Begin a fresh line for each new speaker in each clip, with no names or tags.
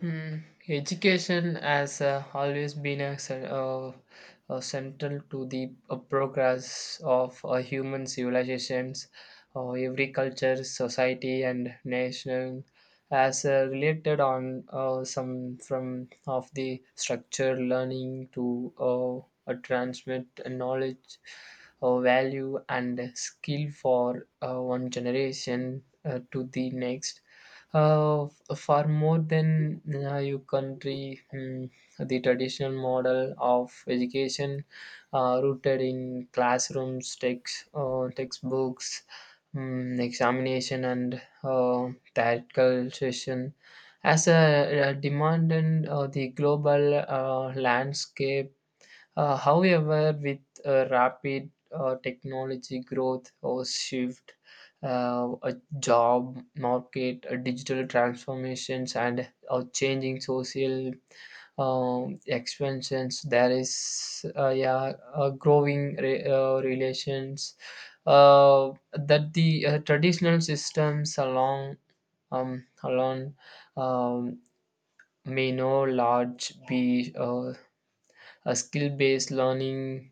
Hmm. Education has always been central to the progress of human civilizations. Every culture, society, and nation has related on some from of the structure learning to transmit knowledge, value, and skill for one generation to the next far more than your country, the traditional model of education rooted in classrooms, textbooks, examination, and theoretical session. As a, demand in the global landscape however, with rapid technology growth or shift, a job market, digital transformations, and changing social expansions. There is yeah, growing relations that the traditional systems along along um, may no large be a skill based learning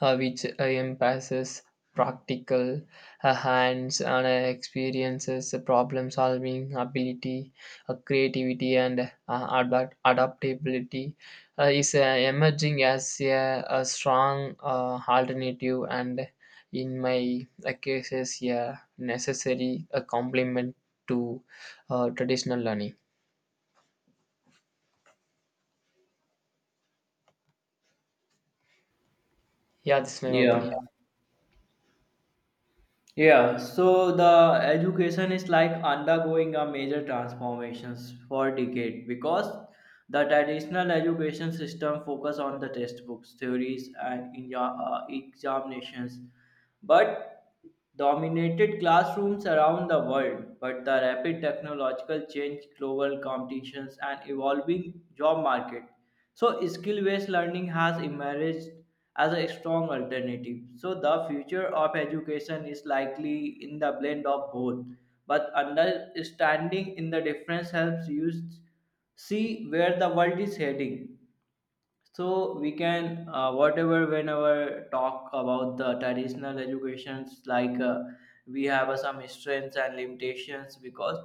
which emphasizes practical hands on experiences, problem solving ability, creativity, and adaptability, is emerging as a strong alternative and, in my cases, a necessary a complement to traditional learning. Yeah, this is my opinion.
Yeah, yeah. So the education is like undergoing a major transformations for decade because the traditional education system focus on the textbooks, theories, and examinations, but dominated classrooms around the world. But the rapid technological change, global competitions, and evolving job market. So skill-based learning has emerged as a strong alternative. So the future of education is likely in the blend of both. But understanding in the difference helps you see where the world is heading, so we can whatever whenever talk about the traditional educations like, we have some strengths and limitations, because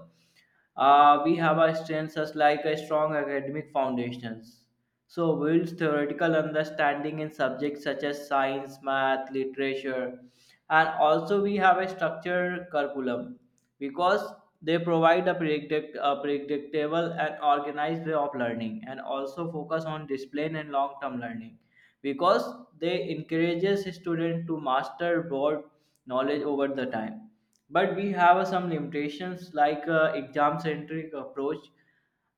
we have a strength such like a strong academic foundations so builds theoretical understanding in subjects such as science, math, literature, and also we have a structured curriculum because they provide a, a predictable and organized way of learning, and also focus on discipline and long-term learning because they encourages students to master broad knowledge over the time. But we have some limitations like, exam centric approach,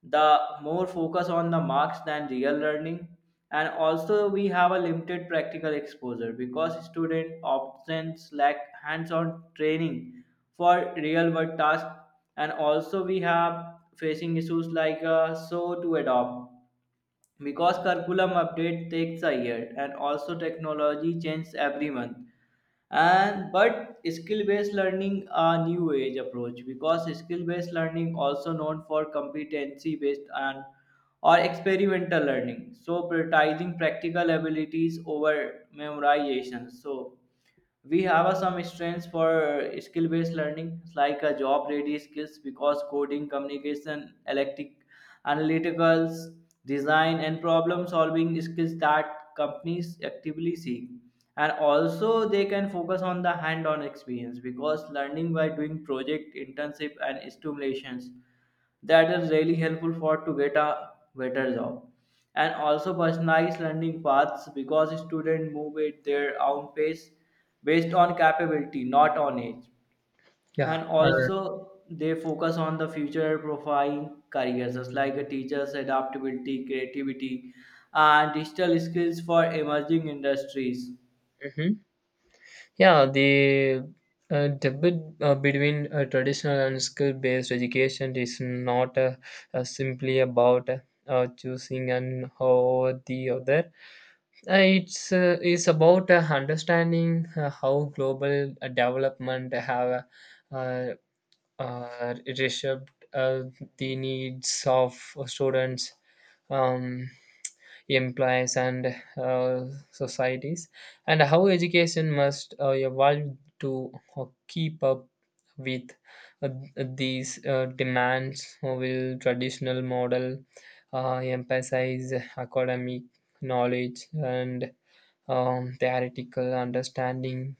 the more focus on the marks than real learning, and also we have a limited practical exposure because students often lack hands on training for real world tasks, and also we have facing issues like, so to adopt, because curriculum update takes a year and also technology changes every month. And but skill based learning, a new age approach, because skill based learning also known for competency based and or experimental learning, so prioritizing practical abilities over memorization. So we have a some strengths for skill based learning like a job ready skills because coding, communication, electric analyticals, design and problem solving skills that companies actively seek. And also they can focus on the hand on experience because learning by doing, project, internship and stimulations, that is really helpful for to get a better job. And also personalized learning paths because students move at their own pace based on capability, not on age.
Yeah.
And also they focus on the future profiling careers just like a teachers adaptability, creativity and digital skills for emerging industries.
Mhm. Yeah, the debate between traditional and skill-based education is not simply about choosing and how the other. It's is about understanding how global development have uh, reshaped the needs of students. Um, Employees and uh, societies, and how education must evolve to keep up with uh, these demands will traditional model emphasize academic knowledge and theoretical understanding.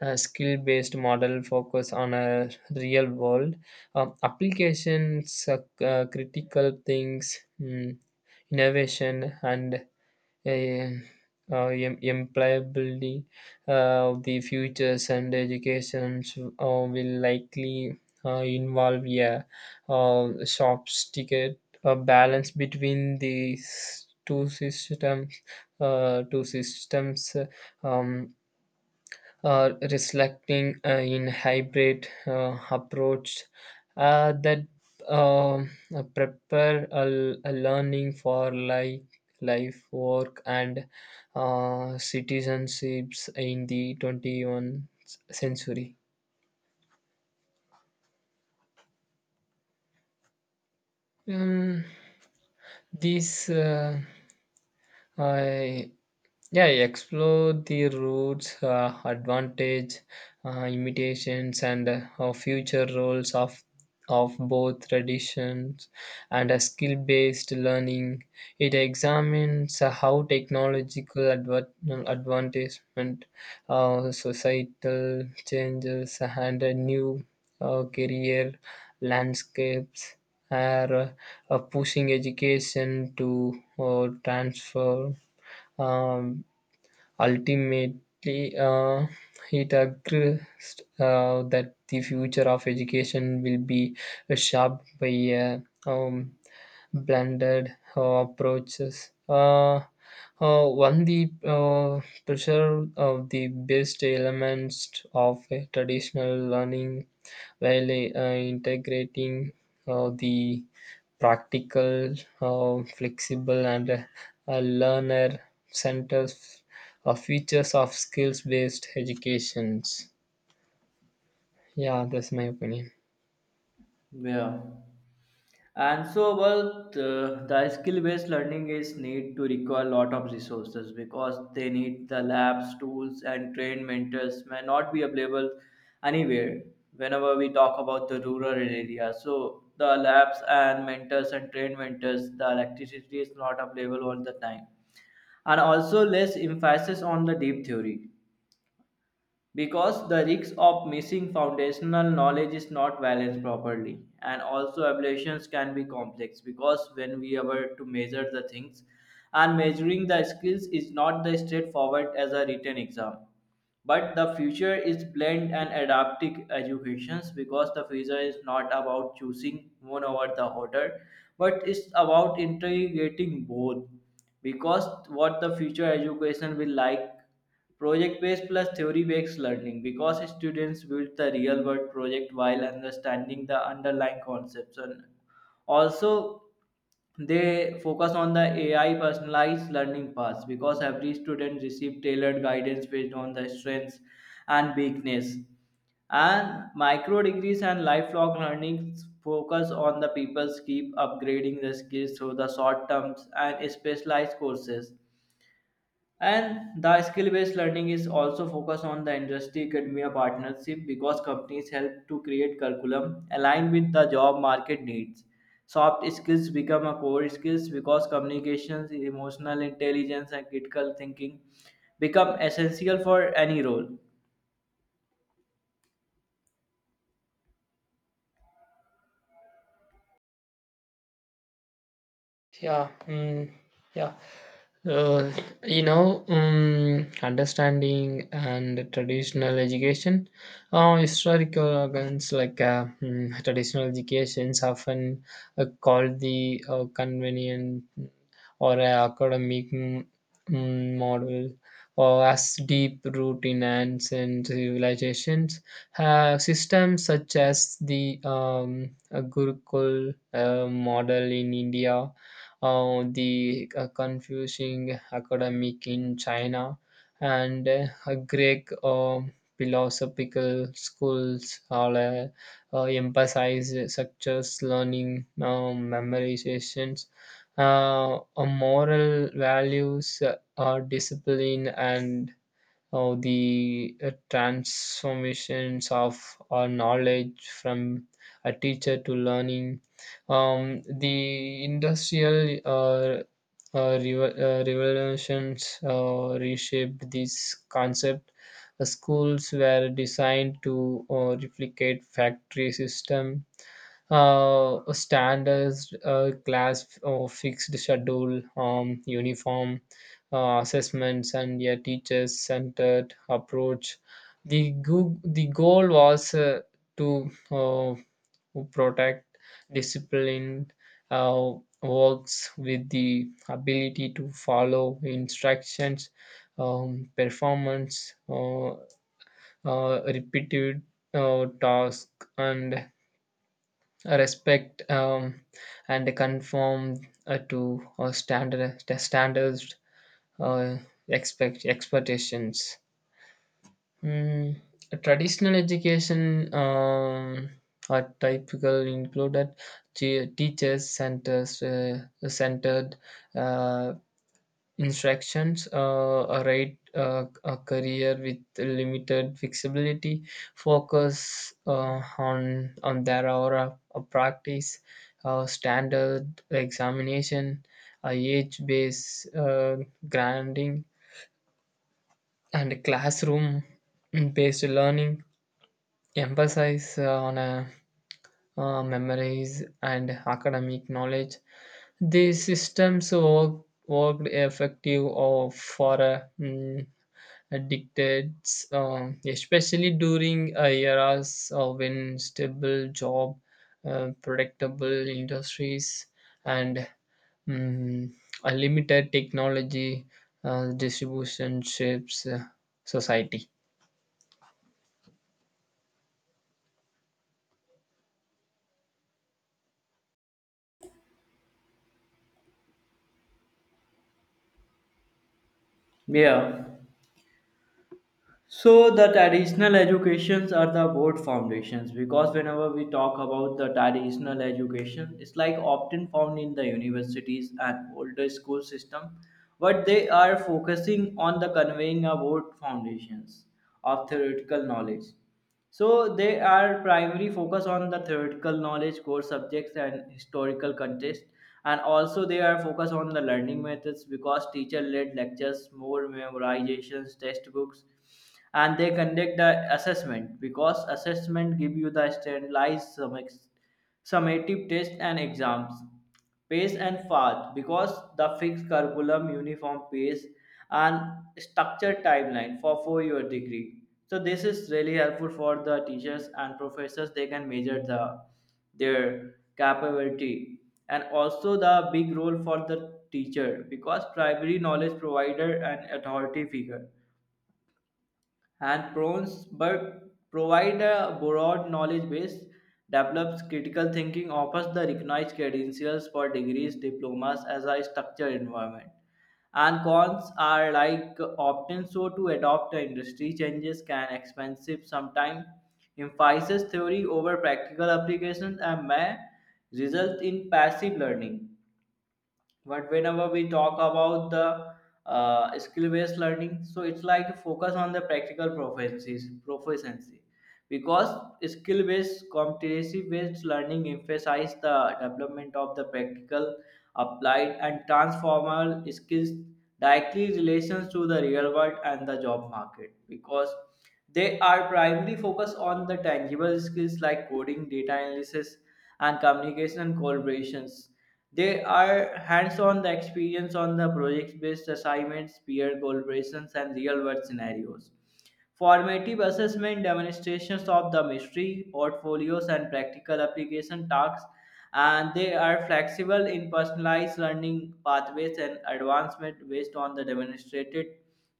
A skill-based model focus on a real world applications, critical things, innovation and a, employability of the futures, and educations will likely involve a sophisticated balance between these two systems, reflecting in hybrid approach that prepare a learning for life, life work and citizenships in the 21st century. Um, these uh, Yeah, explore the roots, advantage, imitations, and future roles of both traditions and a skill-based learning. It examines how technological advancement, societal changes, and new career landscapes are pushing education to transfer. Um, Ultimately, it agrees that the future of education will be shaped by a um, blended approaches. One, the pressure of the best elements of a traditional learning while integrating the practical, flexible, and learner-centered features of skills-based educations. Yeah, that's my opinion.
Yeah. And so, well, the skill-based learning is need to require a lot of resources because they need the labs, tools, and trained mentors may not be available anywhere. Whenever we talk about the rural area, so the labs and mentors and trained mentors, the electricity is not available all the time, and also less emphasis on the deep theory because the risk of missing foundational knowledge is not balanced properly, and also evaluations can be complex because when we are to measure the things and measuring the skills is not the straightforward as a written exam. But the future is blend and adaptive educations because the future is not about choosing one over the other, but it's about integrating both. Because what the future education will like, project based plus theory based learning, because students build the real world project while understanding the underlying concepts, and also they focus on the ai personalized learning paths because every student receives tailored guidance based on their strengths and weakness. And micro degrees and lifelong learning focus on the people's keep upgrading their skills through the short terms and specialized courses. And the skill based learning is also focused on the industry academia partnership because companies help to create curriculum aligned with the job market needs. Soft skills become a core skills because communications, emotional intelligence, and critical thinking become essential for any role.
Yeah, yeah. Uh, you know, understanding and traditional education, historical organs like traditional educations often called the convenient or academic model or as deep root in ants and civilizations. Systems such as the Gurukul model in India, the Confucian academic in China, and Greek philosophical schools all emphasize structures, learning, memorizations, moral values, discipline, and the transformations of our knowledge from a teacher to learning. The industrial revolutions reshaped this concept. The schools were designed to replicate factory system standards, class, fixed schedule, uniform, assessments and a teacher-centered approach. The goal was to protect disciplined uh, works with the ability to follow instructions, performance, repeated task, and respect and conform to standards uh, expectations. Mm, traditional education are typical included te- teachers centers centered uh, instructions, a right a career with limited flexibility, focus on their hour of practice, standard examination, age based grading and classroom based learning emphasize on memories and academic knowledge. These worked effective or for dictates especially during eras of when stable job, predictable industries, and mm, a limited technology distribution shapes society.
Yeah. So the traditional educations are the board foundations because whenever we talk about the traditional education, it's like often found in the universities and older school system, but they are focusing on the conveying about foundations of theoretical knowledge, so they are primary focus on the theoretical knowledge, core subjects, and historical context, and also they are focus on the learning methods because teacher-led lectures, more memorizations, textbooks, and they conduct the assessment because assessment give you the standardized summative test and exams, pace and path, because the fixed curriculum uniform pace and structured timeline for 4 year degree, so this is really helpful for the teachers and professors they can measure the their capability. And also the big role for the teacher because primary knowledge provider and authority figure, and prawns, but provide a broad knowledge base, develops critical thinking, offers the recognized credentials for degrees, diplomas as a structured environment. And cons are like often so to adopt the industry changes can expensive sometimes, emphasizes theory over practical applications and may result in passive learning. But whenever we talk about the skill based learning, so it's like focus on the practical proficiencies proficiency, because skill-based competency-based learning emphasize the development of the practical, applied and transformable skills directly relations to the real world and the job market because they are primarily focused on the tangible skills like coding, data analysis and communication and collaborations. They are hands-on the experience on the project-based assignments, peer collaborations and real-world scenarios. Formative assessment demonstrations of the mystery, portfolios, and practical application tasks, and they are flexible in personalized learning pathways and advancement based on the demonstrated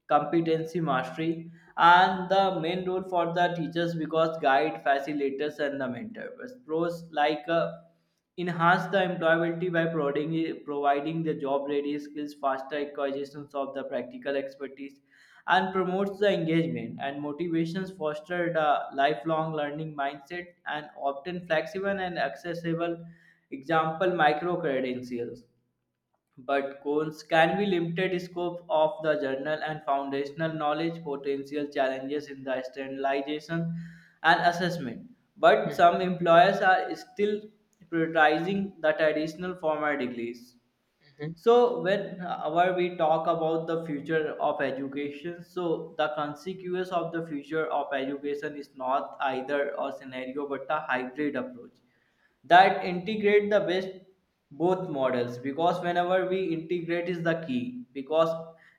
competency mastery. And the main role for the teachers because guide facilitators and the mentors pros like, enhance the employability by providing the job ready skills, faster acquisitions of the practical expertise, and promotes the engagement and motivations, fostered a lifelong learning mindset and often flexible and accessible, example micro credentials. But cones can be limited scope of the journal and foundational knowledge, potential challenges in the standardization and assessment, but
Mhm.
some employers are still prioritizing the traditional formal degrees. So when our we talk about the future of education, so the consequence of the future of education is not either a scenario but a hybrid approach that integrate the best both models, because whenever we integrate is the key, because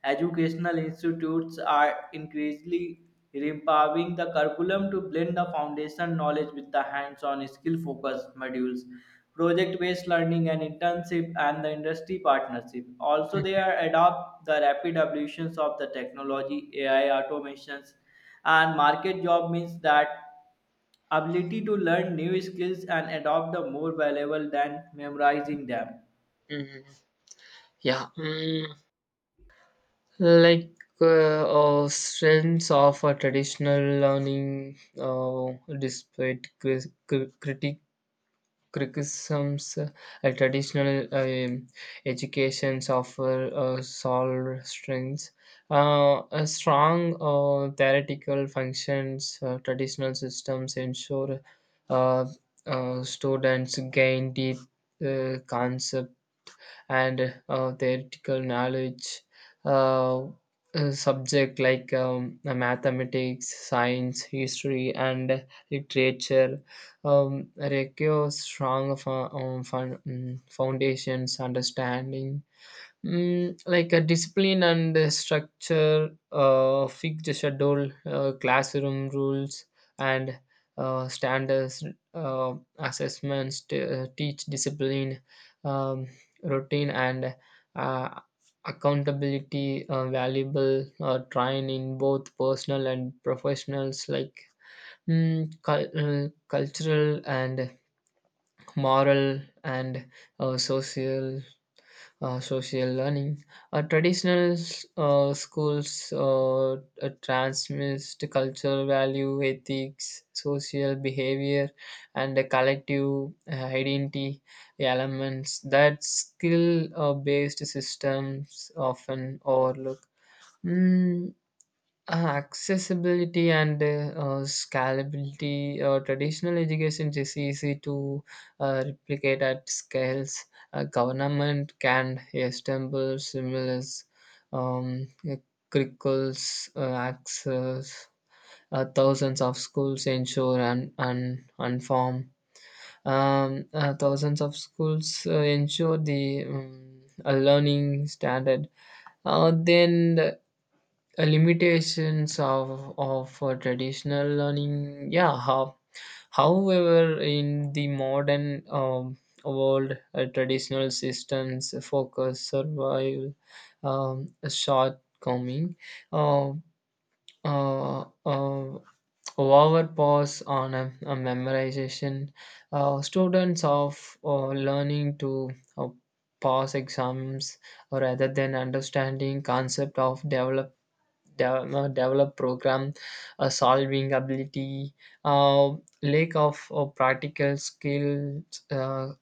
educational institutes are increasingly empowering the curriculum to blend the foundation knowledge with the hands-on skill focused modules, project-based learning and internship and the industry partnership. Also they are adopt the rapid evolutions of the technology, ai automations and market job means that ability to learn new skills and adopt them more valuable than memorizing them.
Mm, yeah, like strengths of a traditional learning. Despite cri- critic criticisms, a traditional educations offer solid strengths. A strong theoretical functions, traditional systems ensure uh, students gain deep concepts and theoretical knowledge. uh, Subject like mathematics, science, history, and literature require strong foundations understanding. Like a discipline and a structure, fixed schedule, classroom rules, and standards, assessments teach discipline, um, routine, and uh, accountability. Valuable training, both personal and professionals, like cultural and moral and uh, social social learning. Traditional schools transmit cultural value, ethics, social behavior, and the collective identity elements that skill-based systems often overlook. Mm, Accessibility and scalability. Traditional education is easy to replicate at scales. Government can assemble similar um, curriculums, access. Thousands of schools ensure and inform. Thousands of schools ensure the a learning standard. Then limitations of traditional learning, however in the modern world traditional systems focus survival, shortcoming, uh, uh, uh, over pause on a memorization, students of learning to uh, pass exams rather than understanding concept of development, develop program solving ability, uh, lack of practical skills.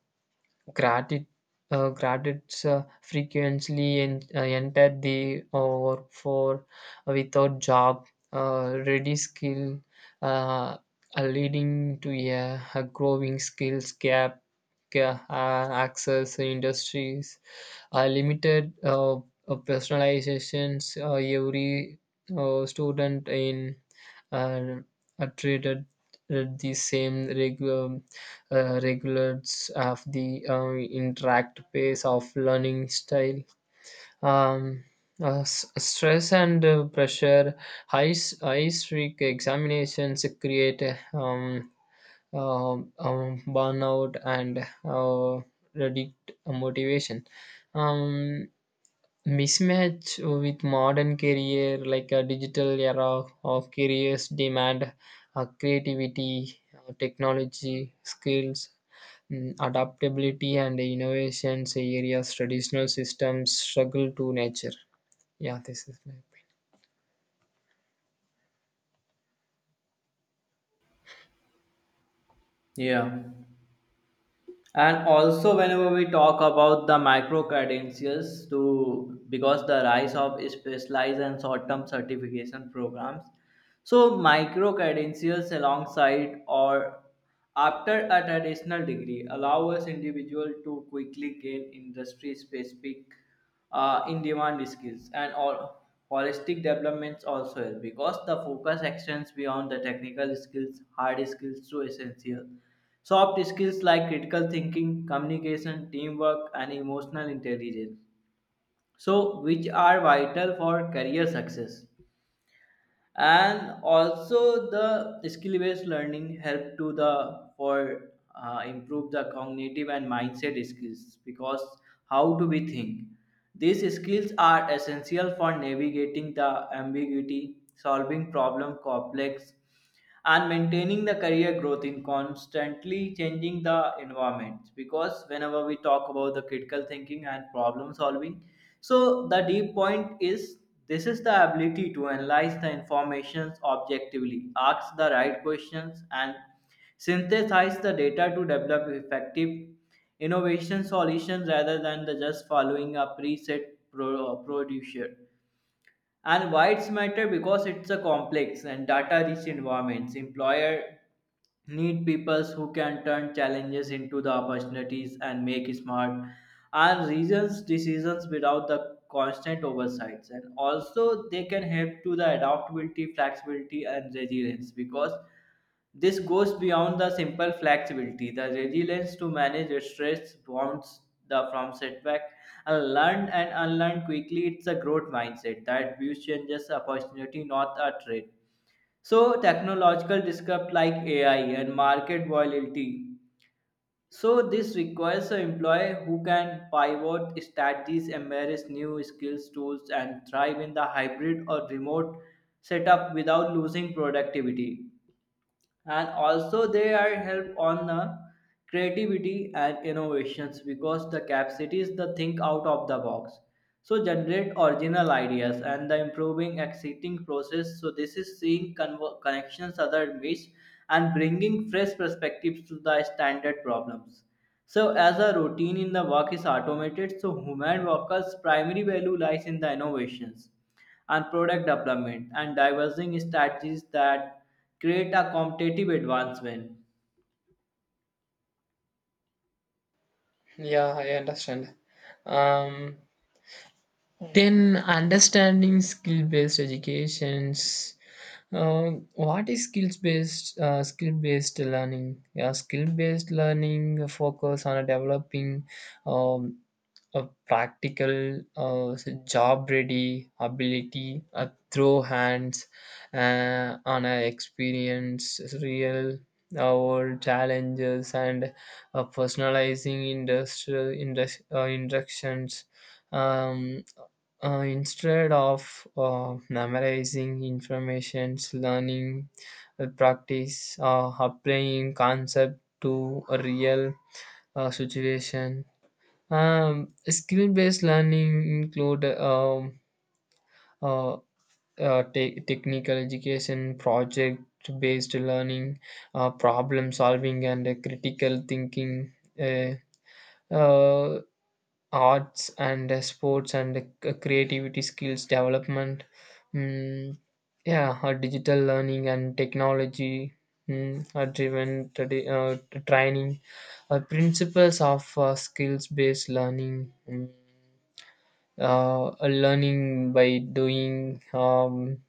Gratis, graduates frequently enter the workforce without job, ready skill, uh, leading to a growing skills gap. Access industries, limited personalizations. Every student in uh, are treated the same regular regulates of the interact pace of learning style. Um, Stress and pressure, high, high streak examinations create um, uh, um, burnout and uh, reduced motivation. Um, Mismatch with modern career, like a digital era of careers demand creativity, technology, skills, adaptability and innovations areas traditional systems struggle to nature. Yeah, this is my opinion.
Yeah. And also whenever we talk about the micro credentials to, because the rise of specialized and short-term certification programs, so micro credentials alongside or after a traditional degree allow us individual to quickly gain industry specific in-demand skills, and all holistic developments also help because the focus extends beyond the technical skills, hard skills to essential soft skills like critical thinking, communication, teamwork, and emotional intelligence. So, which are vital for career success. And also, the skill-based learning help to the for improve the cognitive and mindset skills, because how do we think? These skills are essential for navigating the ambiguity, solving problem complex and maintaining the career growth in constantly changing the environment, because whenever we talk about the critical thinking and problem solving, so the deep point is, this is the ability to analyze the information objectively, ask the right questions and synthesize the data to develop effective innovation solutions rather than the just following a preset producer. And why it's matter, because it's a complex and data-rich environments. Employer need people who can turn challenges into the opportunities and make smart and reasons decisions without the constant oversights. And also they can help to the adaptability, flexibility and resilience, because this goes beyond the simple flexibility. The resilience to manage stress bounds the from setback and learn and unlearn quickly. It's a growth mindset that views changes opportunity, not a threat. So technological disrupt like AI and market volatility. So this requires an employee who can pivot strategies, embrace new skills, tools, and thrive in the hybrid or remote setup without losing productivity. And also they are help on the creativity and innovations because the capacity is the think out of the box, so generate original ideas and the improving existing process, so this is seeing connections other miss and bringing fresh perspectives to the standard problems. So as a routine in the work is automated, so human workers primary value lies in the innovations and product development and diverging strategies that create a competitive advancement
Yeah, I understand. Um, then understanding skill-based educations, uh, what is skills-based skill-based learning. Yeah, skill-based learning focus on developing um, a practical, uh, job ready ability, a throw hands on a experience, real world challenges, and personalizing instructions. Um, Instead of memorizing informations, learning, practice, applying concept to a real situation. Skill-based learning include uh, technical education, project-based learning, problem solving, and critical thinking. Uh, uh, Arts and sports and creativity skills development. Mm, yeah, digital learning and technology. Driven training, principles of skills-based learning. A learning by doing, um,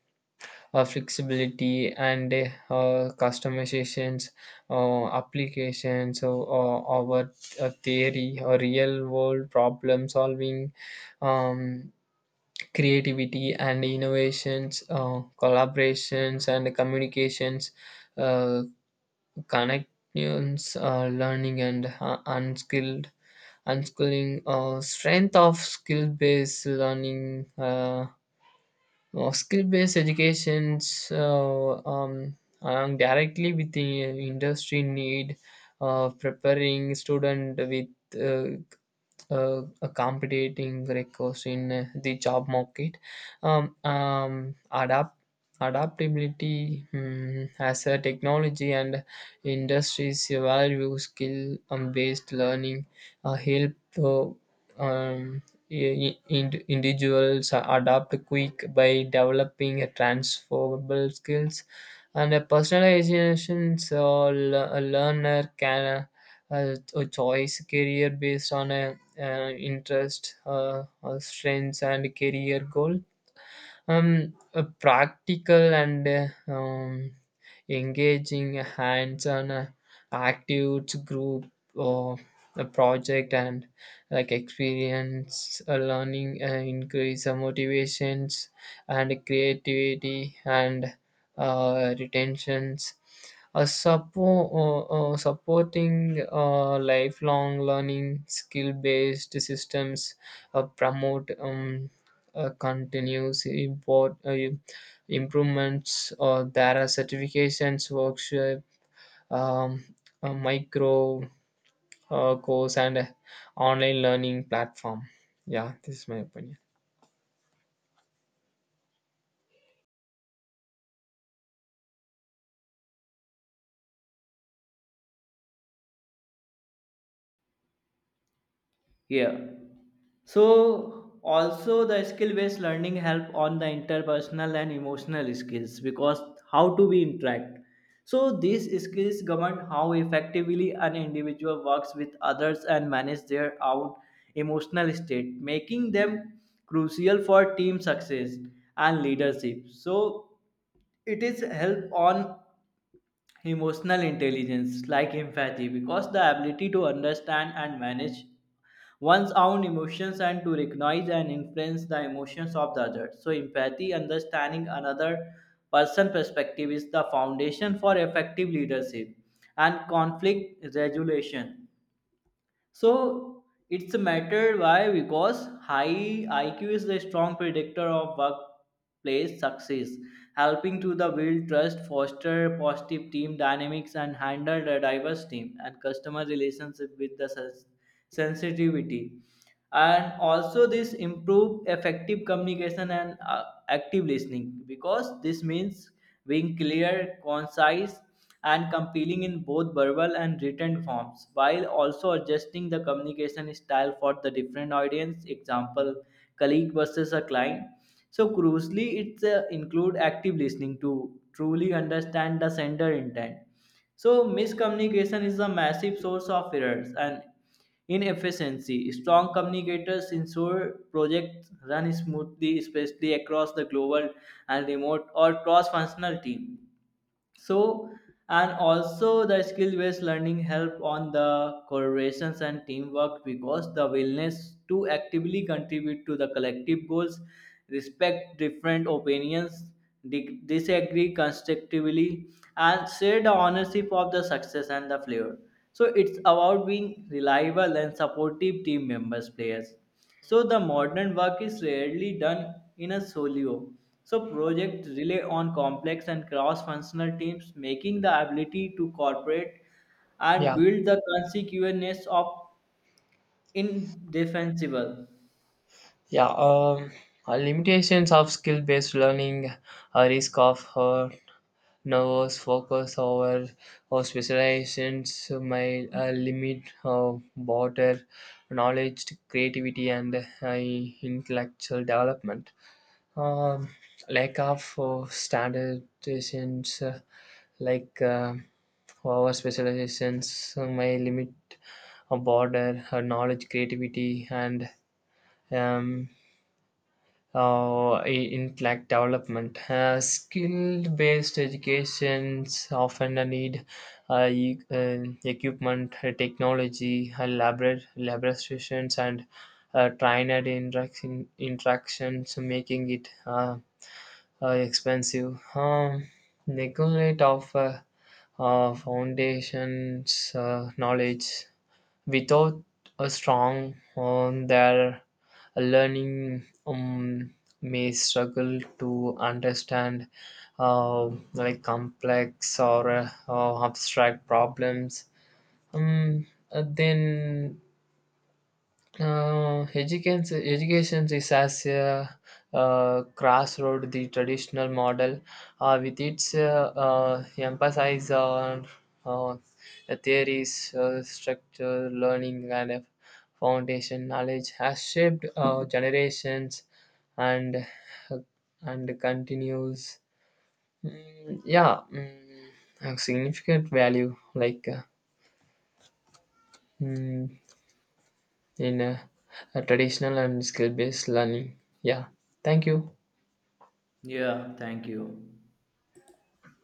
uh, flexibility and customizations applications, so our theory or real world problem solving, um, creativity and innovations, collaborations and communications, uh, connections learning and unskilled unschooling. Strength of skill based learning. Skill-based educations are directly with the industry need, preparing student with uh, competing records in the job market. Um, um, adapt Adaptability, as a technology and industries value skill based learning help the um, individuals adapt quick by developing a transferable skills and a personalization, so a learner can choice career based on a interest, strengths, and career goal. Practical and engaging hands-on, active group or a project and like experience learning increase motivations and creativity and retentions. Supporting lifelong learning, skill-based systems promote continuous improvements or there are certifications workshop, um, a micro course and a online learning platform. Yeah, this is my opinion.
here. So also the skill-based learning help on the interpersonal and emotional skills, because how do we interact. So these skills govern how effectively an individual works with others and manage their own emotional state, making them crucial for team success and leadership. So it is help on emotional intelligence, like empathy, because the ability to understand and manage one's own emotions and to recognize and influence the emotions of the other. So, empathy, understanding another person' perspective, is the foundation for effective leadership and conflict resolution. So it's a matter why, because high IQ is the strong predictor of workplace success, helping to the build trust, foster positive team dynamics, and handle the diverse team and customer relationship with the sensitivity. And also this improve effective communication and active listening because this means being clear, concise and compelling in both verbal and written forms while also adjusting the communication style for the different audience, example colleague versus a client. So crucially it's include active listening to truly understand the sender intent. So, miscommunication is a massive source of errors and inefficiency. Strong communicators ensure projects run smoothly, especially across the global and remote or cross functional team. So and also the skill based learning help on the collaborations and teamwork because the willingness to actively contribute to the collective goals, respect different opinions, disagree constructively and share the ownership of the success and the flavor, so it's about being reliable and supportive team members players. So the modern work is rarely done in a solo. So projects rely on complex and cross-functional teams, making the ability to cooperate and
Yeah,
build the consequences of indefensible.
yeah, limitations of skill based learning. Risk of nervous focus over or specializations may limit broader knowledge creativity and intellectual development. um, like of standardizations like our specializations may limit a border knowledge creativity and um, in intellect development. Skill based educations often need uh, e- uh, equipment technology labor laborations and trainer interactions, making it expensive. Neglect of foundations knowledge without a strong on their learning may struggle to understand uh, like complex or abstract problems. Um, then uh, education education is as a crossroad. The traditional model with its emphasis on uh, the theories, structure learning, and a foundation knowledge has shaped generations and and continues yeah a significant value like mm, in a traditional and skill based learning. Yeah, thank you.
Yeah, thank you.